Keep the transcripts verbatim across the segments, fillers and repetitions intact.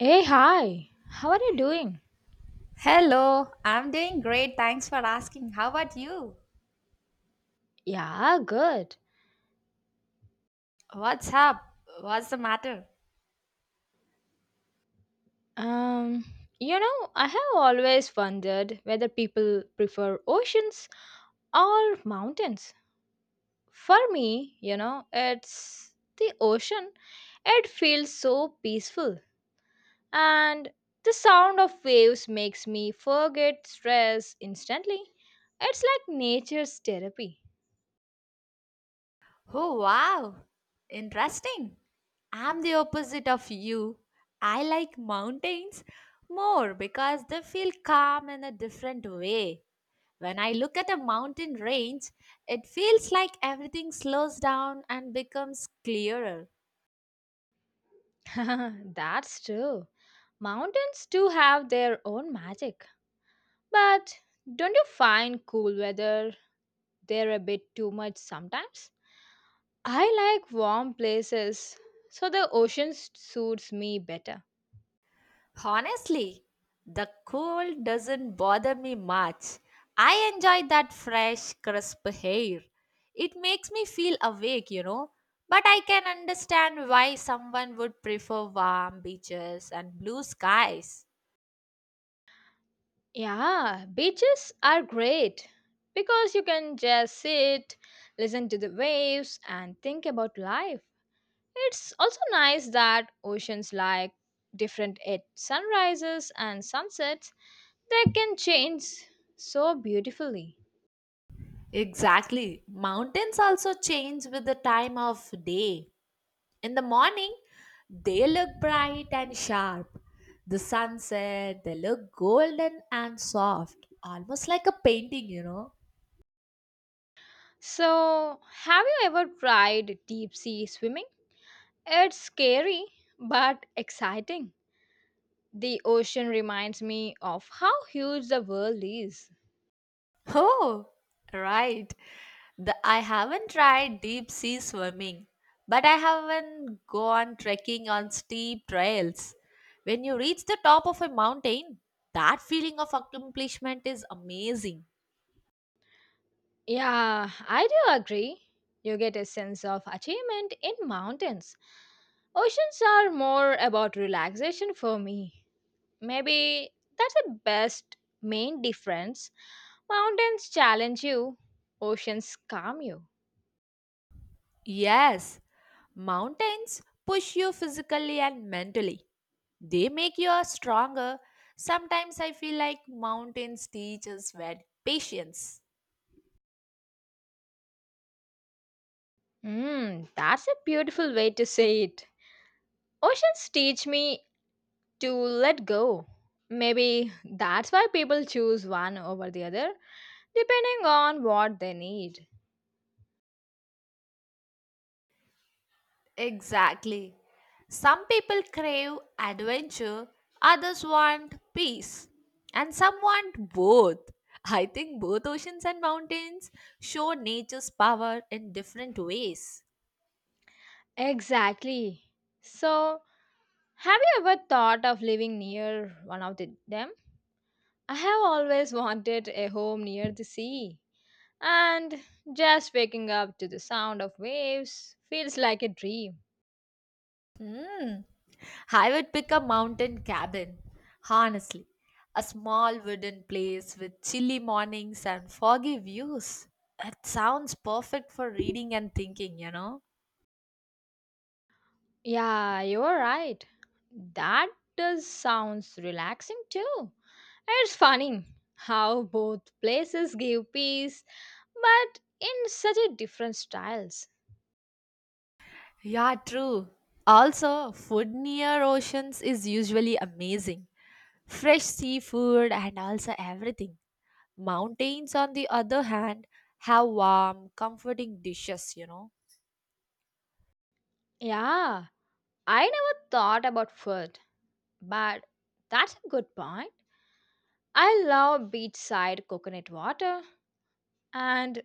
Hey, hi. How are you doing? Hello, I'm doing great. Thanks for asking. How about you? Yeah, good. What's up? What's the matter? Um, you know, I have always wondered whether people prefer oceans or mountains. For me, you know, it's the ocean. It feels so peaceful, and the sound of waves makes me forget stress instantly. It's like nature's therapy. Oh, wow. Interesting. I'm the opposite of you. I like mountains more because they feel calm in a different way. When I look at a mountain range, it feels like everything slows down and becomes clearer. That's true. Mountains do have their own magic. But don't you find cool weather there a bit too much sometimes? I like warm places, so the ocean s- suits me better. Honestly, the cold doesn't bother me much. I enjoy that fresh, crisp air. It makes me feel awake, you know. But I can understand why someone would prefer warm beaches and blue skies. Yeah, beaches are great because you can just sit, listen to the waves, and think about life. It's also nice that oceans like different at sunrises and sunsets, they can change so beautifully. Exactly. Mountains also change with the time of day. In the morning, they look bright and sharp. The sunset, they look golden and soft, almost like a painting, you know. So, have you ever tried deep sea swimming? It's scary but exciting. The ocean reminds me of how huge the world is. Oh, right. The, I haven't tried deep sea swimming, but I haven't gone trekking on steep trails. When you reach the top of a mountain, that feeling of accomplishment is amazing. Yeah, I do agree. You get a sense of achievement in mountains. Oceans are more about relaxation for me. Maybe that's the best main difference. Mountains challenge you, oceans calm you. Yes, mountains push you physically and mentally, they make you stronger. Sometimes I feel like mountains teach us very patience. Hmm, that's a beautiful way to say it. Oceans teach me to let go. Maybe that's why people choose one over the other, depending on what they need. Exactly. Some people crave adventure, others want peace, and some want both. I think both oceans and mountains show nature's power in different ways. Exactly. So, have you ever thought of living near one of the, them? I have always wanted a home near the sea, and just waking up to the sound of waves feels like a dream. Hmm. I would pick a mountain cabin, honestly. A small wooden place with chilly mornings and foggy views. It sounds perfect for reading and thinking, you know? Yeah, you're right. That does sounds relaxing too. And it's funny how both places give peace, but in such a different styles. Yeah, true. Also, food near oceans is usually amazing. Fresh seafood and also everything. Mountains, on the other hand, have warm, comforting dishes, you know. Yeah, I never thought about food, but that's a good point. I love beachside coconut water. And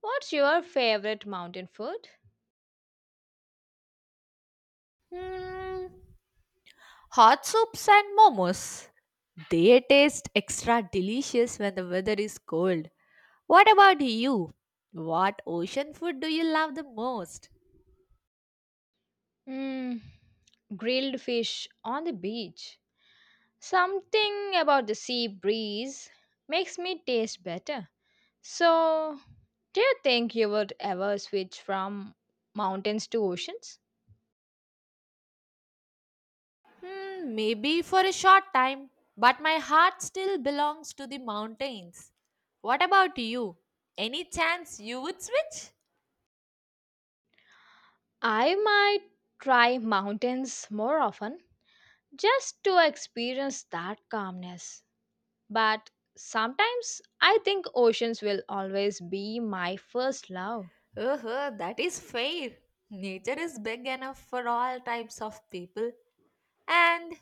what's your favorite mountain food? Hmm, hot soups and momos. They taste extra delicious when the weather is cold. What about you? What ocean food do you love the most? Hmm, grilled fish on the beach. Something about the sea breeze makes me taste better. So, do you think you would ever switch from mountains to oceans? Hmm, maybe for a short time, but my heart still belongs to the mountains. What about you? Any chance you would switch? I might try mountains more often just to experience that calmness. But sometimes I think oceans will always be my first love. Uh-huh, that is fair. Nature is big enough for all types of people, and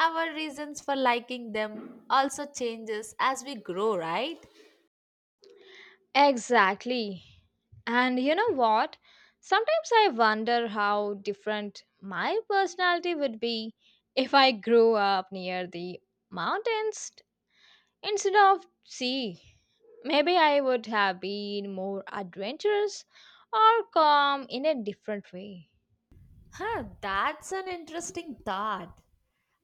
our reasons for liking them also changes as we grow, right? Exactly. And you know what? Sometimes I wonder how different my personality would be if I grew up near the mountains instead of sea. Maybe I would have been more adventurous or calm in a different way. Huh, that's an interesting thought.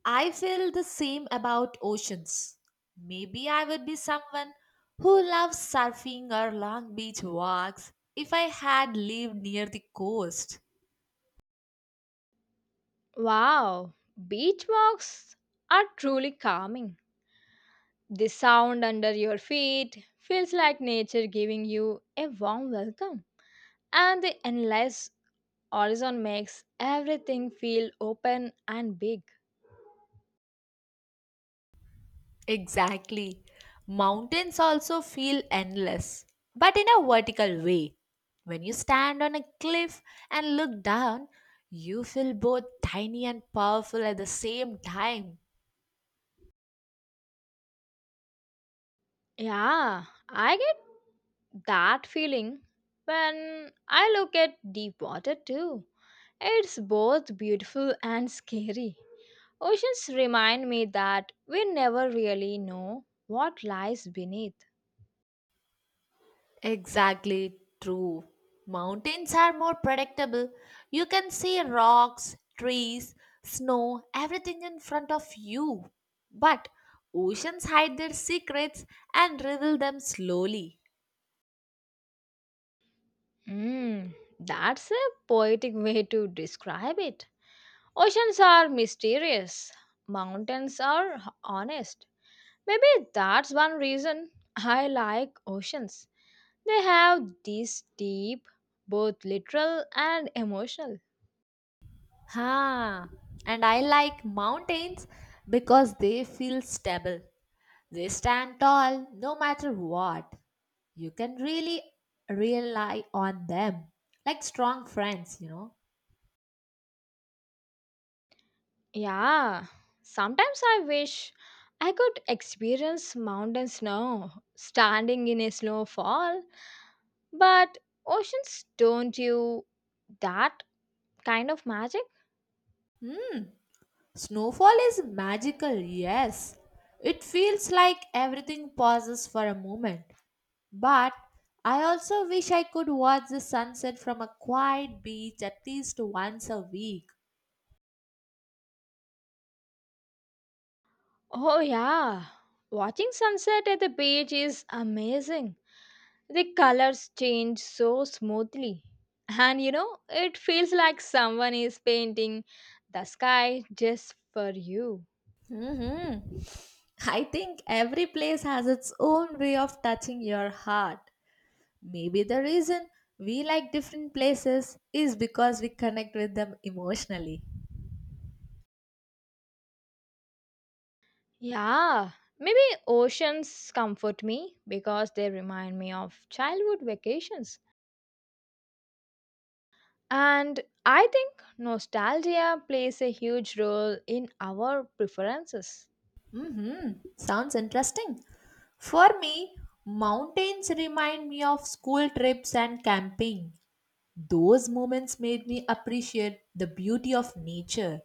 I feel the same about oceans. Maybe I would be someone who loves surfing or long beach walks if I had lived near the coast. Wow, beach walks are truly calming. The sound under your feet feels like nature giving you a warm welcome. And the endless horizon makes everything feel open and big. Exactly. Mountains also feel endless, but in a vertical way. When you stand on a cliff and look down, you feel both tiny and powerful at the same time. Yeah, I get that feeling when I look at deep water too. It's both beautiful and scary. Oceans remind me that we never really know what lies beneath. Exactly true. Mountains are more predictable. You can see rocks, trees, snow, everything in front of you. But oceans hide their secrets and reveal them slowly. Mm, that's a poetic way to describe it. Oceans are mysterious, mountains are honest. Maybe that's one reason I like oceans. They have this deep, both literal and emotional. Ha! And I like mountains because they feel stable. They stand tall no matter what. You can really rely on them like strong friends, you know. Yeah, sometimes I wish I could experience mountain snow standing in a snowfall, but oceans don't you that kind of magic? Snowfall is magical, yes. It feels like everything pauses for a moment. But I also wish I could watch the sunset from a quiet beach at least once a week. Oh, yeah, watching sunset at the beach is amazing. The colors change so smoothly. And you know, it feels like someone is painting the sky just for you. Hmm, I think every place has its own way of touching your heart. Maybe the reason we like different places is because we connect with them emotionally. Yeah, maybe oceans comfort me because they remind me of childhood vacations. And I think nostalgia plays a huge role in our preferences. Mm-hmm. Sounds interesting. For me, mountains remind me of school trips and camping. Those moments made me appreciate the beauty of nature.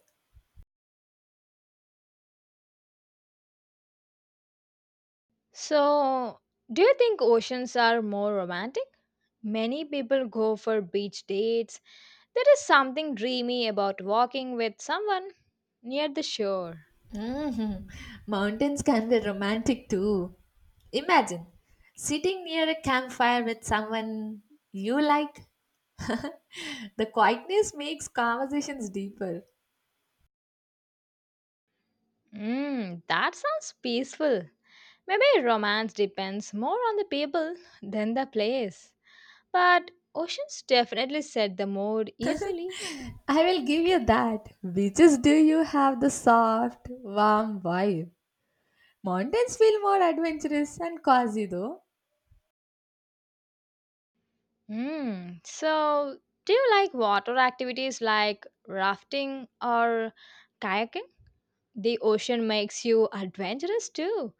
So, do you think oceans are more romantic? Many people go for beach dates. There is something dreamy about walking with someone near the shore. Hmm, mountains can be romantic too. Imagine sitting near a campfire with someone you like. The quietness makes conversations deeper. Mmm, that sounds peaceful. Maybe romance depends more on the people than the place. But oceans definitely set the mood easily. I will give you that. Which is do you have the soft, warm vibe? Mountains feel more adventurous and cozy though. Mmm, so, do you like water activities like rafting or kayaking? The ocean makes you adventurous too,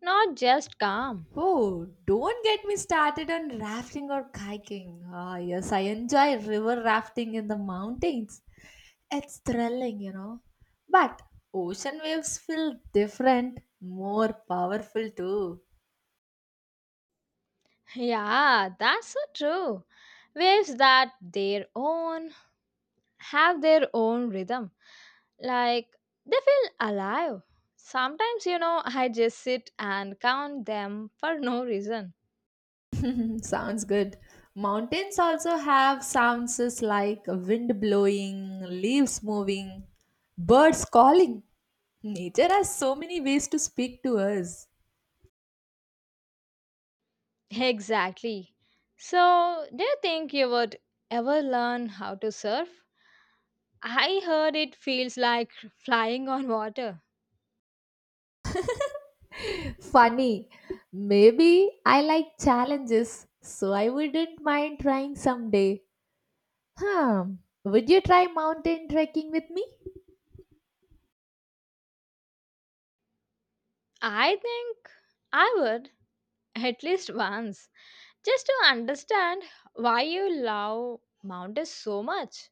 not just calm. Oh, don't get me started on rafting or kayaking. Ah, yes, I enjoy river rafting in the mountains. It's thrilling, you know. But ocean waves feel different, more powerful too. Yeah, that's so true. Waves that their own have their own rhythm. Like they feel alive. Sometimes, you know, I just sit and count them for no reason. Sounds good. Mountains also have sounds is like wind blowing, leaves moving, birds calling. Nature has so many ways to speak to us. Exactly. So, do you think you would ever learn how to surf? I heard it feels like flying on water. Funny. Maybe I like challenges, so I wouldn't mind trying someday. Hmm. Would you try mountain trekking with me? I think I would, at least once. Just to understand why you love mountains so much,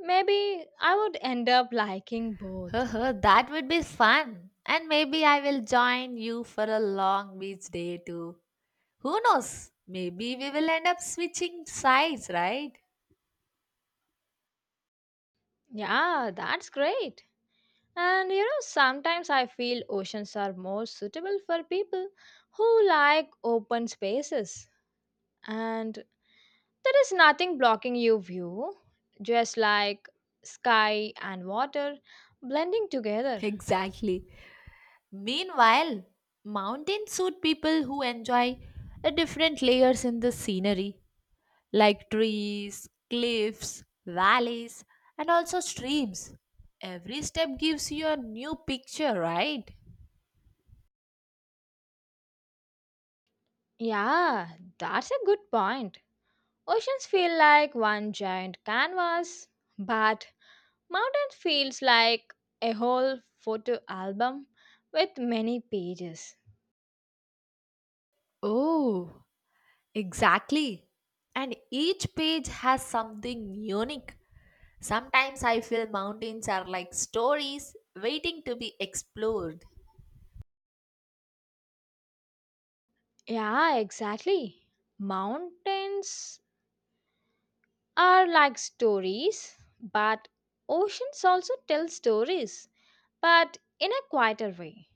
maybe I would end up liking both. Haha, that would be fun. And maybe I will join you for a long beach day too. Who knows? Maybe we will end up switching sides, right? Yeah, that's great. And you know, sometimes I feel oceans are more suitable for people who like open spaces. And there is nothing blocking your view, just like sky and water blending together. Exactly. Meanwhile, mountains suit people who enjoy uh, different layers in the scenery, like trees, cliffs, valleys, and also streams. Every step gives you a new picture, right? Yeah, that's a good point. Oceans feel like one giant canvas, but mountain feels like a whole photo album with many pages. Oh, exactly. And each page has something unique. Sometimes I feel mountains are like stories waiting to be explored. Yeah, exactly. Mountains are like stories, but oceans also tell stories, but in a quieter way.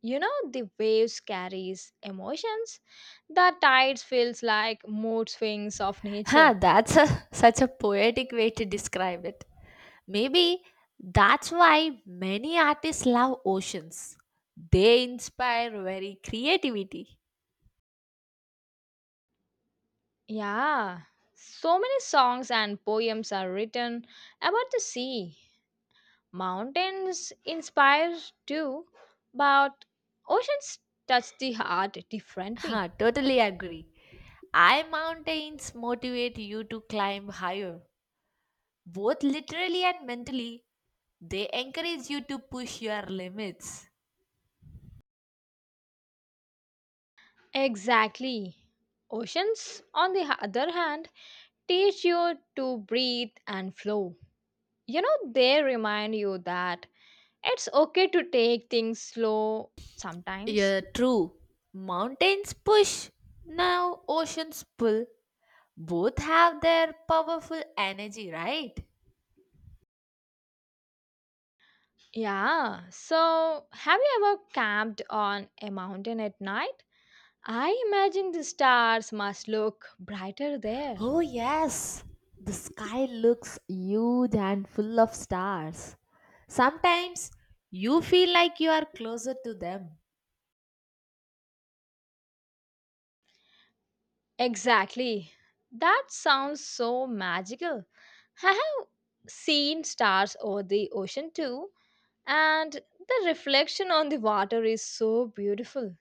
You know, the waves carries emotions. The tides feels like mood swings of Huh, nature. that's a, such a poetic way to describe it. Maybe that's why many artists love oceans. They inspire very creativity. Yeah, so many songs and poems are written about the sea. Mountains inspire too, but oceans touch the heart differently. Huh, totally agree. I mountains motivate you to climb higher, both literally and mentally. They encourage you to push your limits. Exactly. Oceans, on the other hand, teach you to breathe and flow. You know, they remind you that it's okay to take things slow sometimes. Yeah, true. Mountains push, now oceans pull. Both have their powerful energy, right? Yeah, so have you ever camped on a mountain at night? I imagine the stars must look brighter there. Oh, yes. The sky looks huge and full of stars. Sometimes you feel like you are closer to them. Exactly. That sounds so magical. I have seen stars over the ocean too, and the reflection on the water is so beautiful.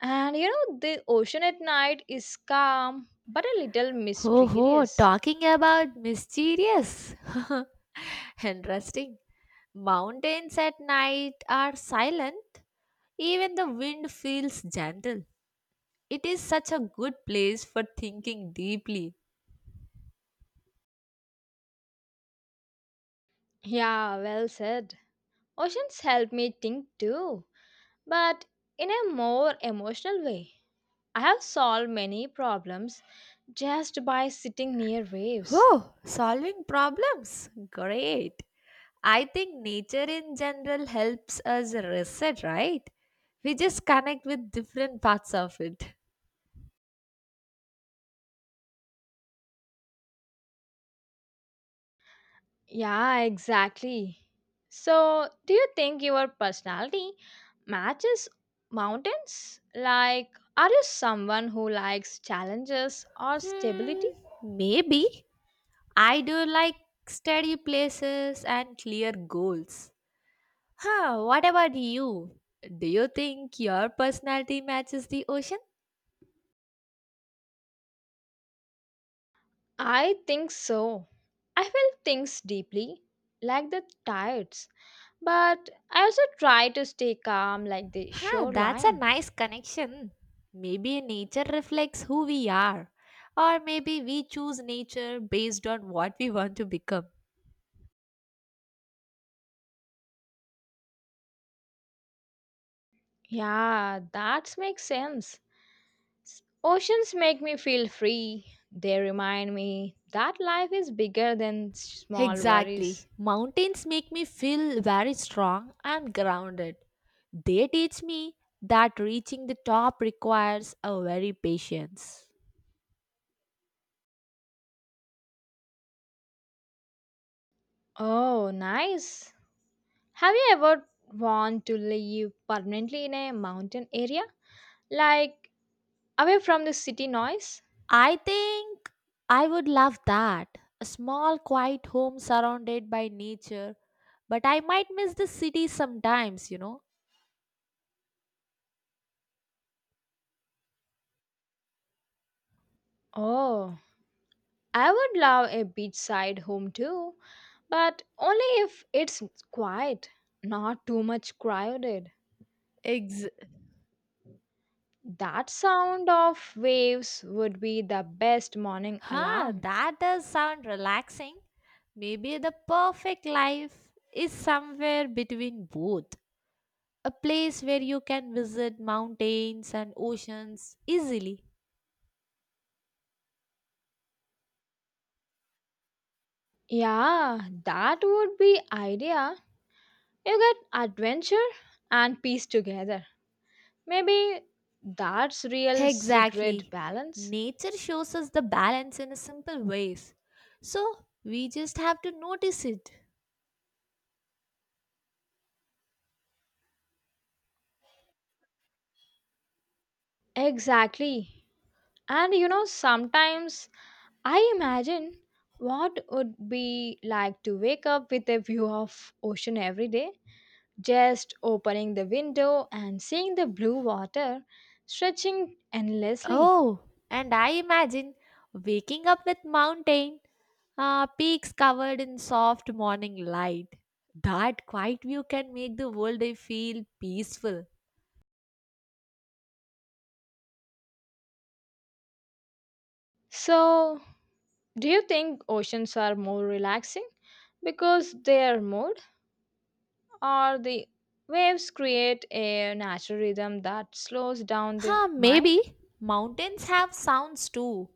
And you know, the ocean at night is calm but a little Ho ho, mysterious. talking about mysterious. Interesting. Mountains at night are silent. Even the wind feels gentle. It is such a good place for thinking deeply. Yeah, well said. Oceans help me think too, but in a more emotional way. I have solved many problems just by sitting near waves. Oh, solving problems. Great. I think nature in general helps us reset, right? We just connect with different parts of it. Yeah, exactly. So, do you think your personality matches mountains? Like, are you someone who likes challenges or Hmm, stability? maybe. I do like steady places and clear goals. Huh, what about you? Do you think your personality matches the ocean? I think so. I feel things deeply, like the tides, but I also try to stay calm, like the Huh, that's a shoreline. nice connection. Maybe nature reflects who we are, or maybe we choose nature based on what we want to become. Yeah, that makes sense. Oceans make me feel free. They remind me that life is bigger than small worries. Exactly. Mountains make me feel very strong and grounded. They teach me that reaching the top requires a very patience. Oh, nice. Have you ever want to live permanently in a mountain area? Like away from the city noise? I think I would love that. A small, quiet home surrounded by nature. But I might miss the city sometimes, you know. Oh, I would love a beachside home too, but only if it's quiet, not too much crowded. Ex- That sound of waves would be the best morning huh, alarm. that does sound relaxing. Maybe the perfect life is somewhere between both. A place where you can visit mountains and oceans easily. Yeah, that would be idea. You get adventure and peace together. Maybe that's real secret Exactly. balance. Nature shows us the balance in a simple ways. So we just have to notice it. Exactly. And you know, sometimes I imagine what would be like to wake up with a view of ocean every day, just opening the window and seeing the blue water stretching endlessly. Oh, and I imagine waking up with mountain uh, peaks covered in soft morning light. That quiet view can make the whole day feel peaceful. So, do you think oceans are more relaxing because their mood or the waves create a natural rhythm that slows down the Huh, mind? maybe mountains have sounds too,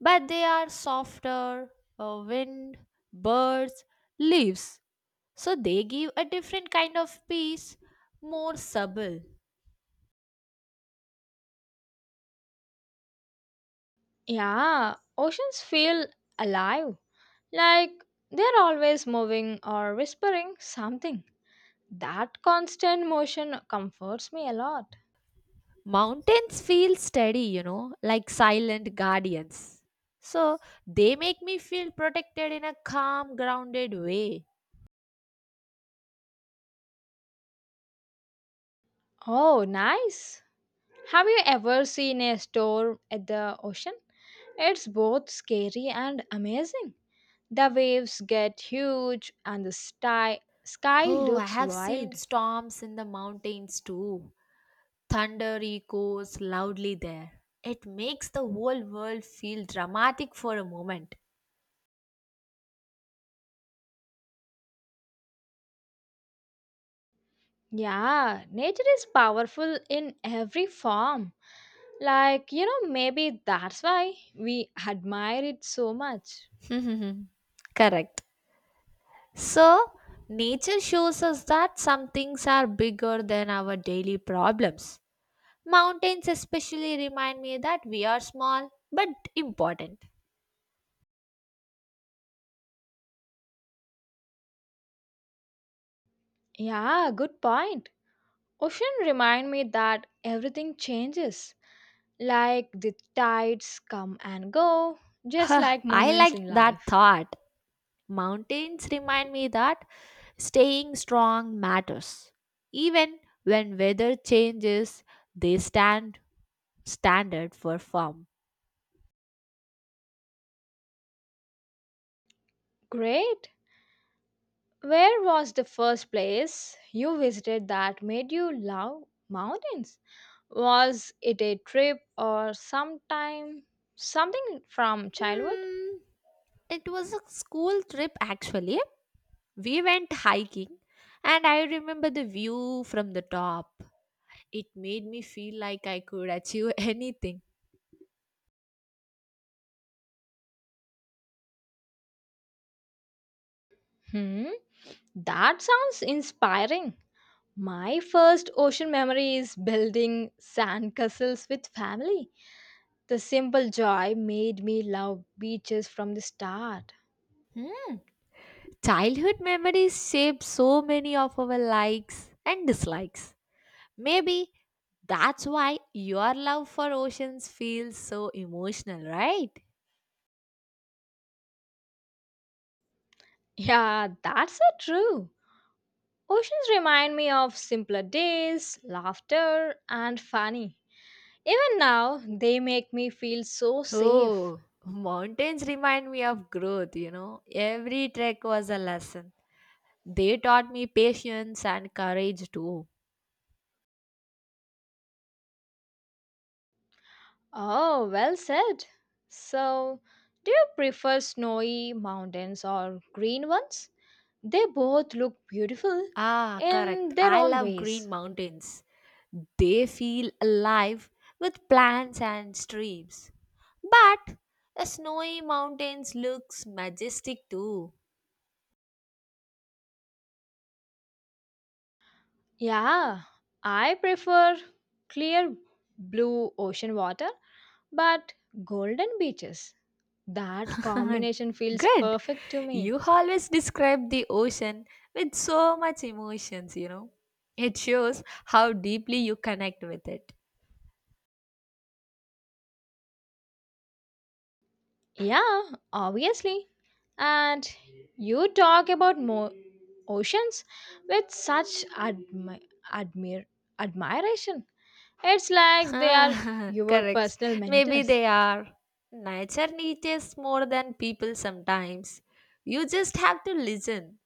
but they are softer, uh, wind, birds, leaves. So they give a different kind of peace, more subtle. Yeah, oceans feel alive, like they're always moving or whispering something. That constant motion comforts me a lot. Mountains feel steady, you know, like silent guardians. So they make me feel protected in a calm, grounded way. Oh, nice! Have you ever seen a storm at the ocean? It's both scary and amazing. The waves get huge and the sty- sky Oh, I looks have seen wild. storms in the mountains too. Thunder echoes loudly there. It makes the whole world feel dramatic for a moment. Yeah, nature is powerful in every form. Like, you know, maybe that's why we admire it so much. Correct. So, nature shows us that some things are bigger than our daily problems. Mountains especially remind me that we are small but important. Yeah, good point. Ocean remind me that everything changes. Like the tides come and go, just Huh, like I moments like in that life. thought. Mountains remind me that staying strong matters. Even when weather changes, they stand standard for firm. Great. Where was the first place you visited that made you love mountains? Was it a trip or sometime something from childhood? Hmm, it was a school trip actually. We went hiking and I remember the view from the top. It made me feel like I could achieve anything. Hmm, that sounds inspiring. My first ocean memory is building sandcastles with family. The simple joy made me love beaches from the start. Childhood memories shape so many of our likes and dislikes. Maybe that's why your love for oceans feels so emotional, right? Yeah, that's so true. Oceans remind me of simpler days, laughter, and funny. Even now, they make me feel so safe. Oh, mountains remind me of growth, you know. Every trek was a lesson. They taught me patience and courage too. Oh, well said. So, do you prefer snowy mountains or green ones? They both look beautiful Ah, correct. in their I own love green ways. mountains. They feel alive with plants and streams. But the snowy mountains looks majestic too. Yeah, I prefer clear blue ocean water, but golden beaches. That combination feels Good. perfect to me. You always describe the ocean with so much emotions, you know. It shows how deeply you connect with it. Yeah, obviously. And you talk about mo- oceans with such admi- admir- admiration. It's like they are your Correct. personal Maybe mentors. they are. Nature teaches more than people sometimes. You just have to listen.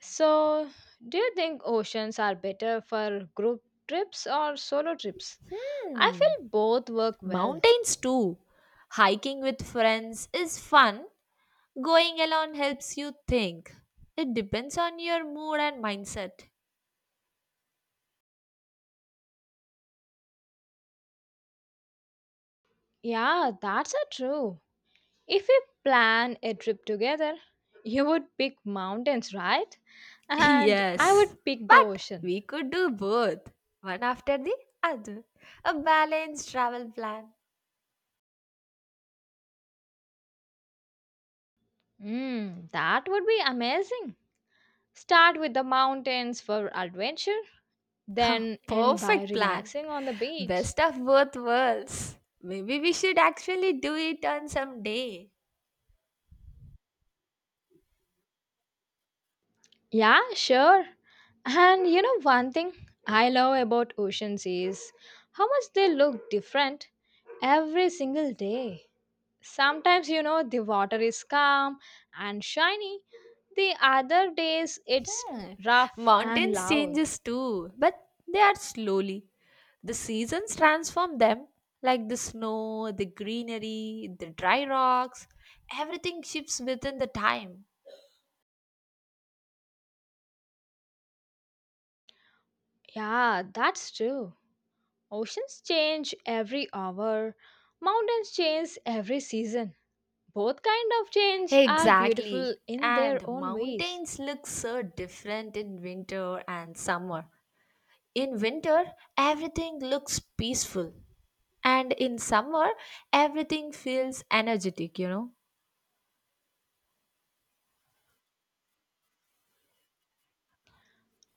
So, do you think oceans are better for group trips or solo trips? I Hmm. feel both work well. Mountains too. Hiking with friends is fun. Going alone helps you think. It depends on your mood and mindset. Yeah, that's a true. If we plan a trip together, you would pick mountains, right? And I Yes. would pick the But ocean. we could do both. One after the other. A balanced travel plan. Mm, that would be amazing. Start with the mountains for adventure, then end by Perfect plan. relaxing on the Best beach. of both worlds. Maybe we should actually do it on some day. Yeah, sure. And you know, one thing I love about oceans is how much they look different every single day. Sometimes, you know, the water is calm and shiny, the other days it's Hmm. rough and Mountains loud. changes too, but they are slowly. The seasons transform them, like the snow, the greenery, the dry rocks. Everything shifts within the time. Yeah, that's true. Oceans change every hour, mountains change every season. Both kind of change are beautiful Exactly. in their And own ways. mountains look so different in winter and summer. In winter, everything looks peaceful, and in summer, everything feels energetic, you know.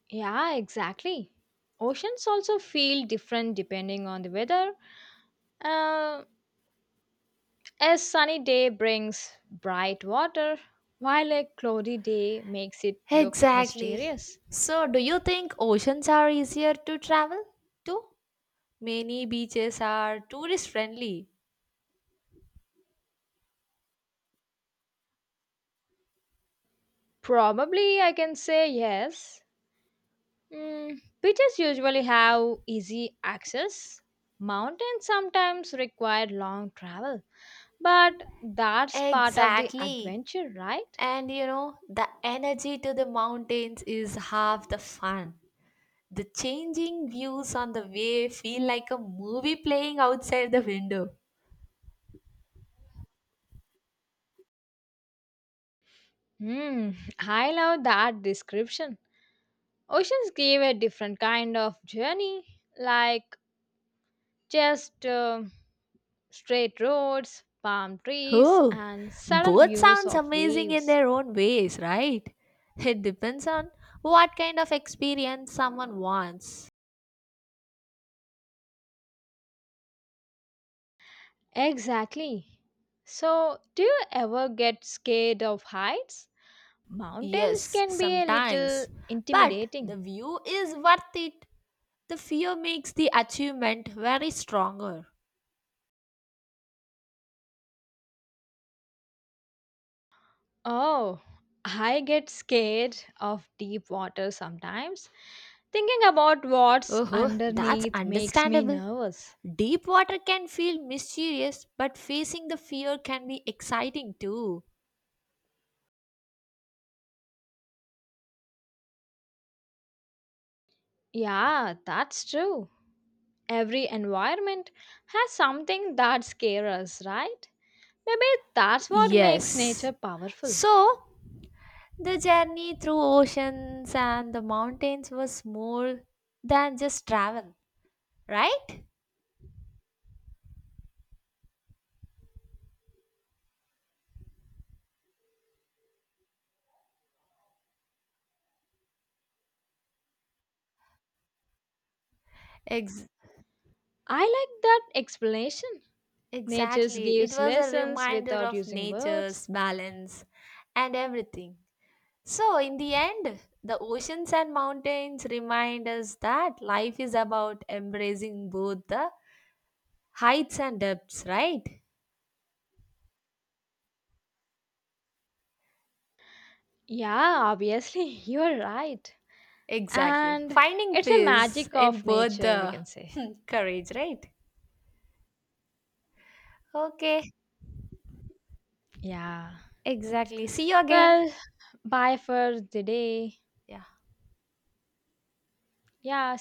Yeah, exactly. Oceans also feel different depending on the weather. Uh, a sunny day brings bright water, while a cloudy day makes it look Exactly. mysterious. So, do you think oceans are easier to travel to? Many beaches are tourist friendly. Probably I can say yes. Mm, beaches usually have easy access. Mountains sometimes require long travel, but that's part of the Exactly. adventure, right? And you know, the energy to the mountains is half the fun. The changing views on the way feel like a movie playing outside the window. Hmm, I love that description. Oceans give a different kind of journey, like just uh, straight roads, palm trees, Oh, and sudden both views sounds of amazing in waves. their own ways, right? It depends on what kind of experience someone wants. Exactly. So, do you ever get scared of heights? Mountains Yes, can be a little sometimes. But the intimidating. view is worth it. The fear makes the achievement very stronger. Oh, I get scared of deep water sometimes. Thinking about what's Oh, that's underneath makes me understandable. nervous. Deep water can feel mysterious, but facing the fear can be exciting too. Yeah, that's true. Every environment has something that scares us, right? Maybe that's what makes Yes. nature powerful. So, the journey through oceans and the mountains was more than just travel, right? Ex- I like that explanation. Nature exactly. It gives was a lessons reminder without of using words. nature's balance and everything. So, in the end, the oceans and mountains remind us that life is about embracing both the heights and depths, right? Yeah, obviously, you're right. Exactly. And Finding it's a peace magic in of both nature, we the can say. courage, right? Okay, Yeah. exactly. See you again. Well, bye for the day. Yeah. Yeah,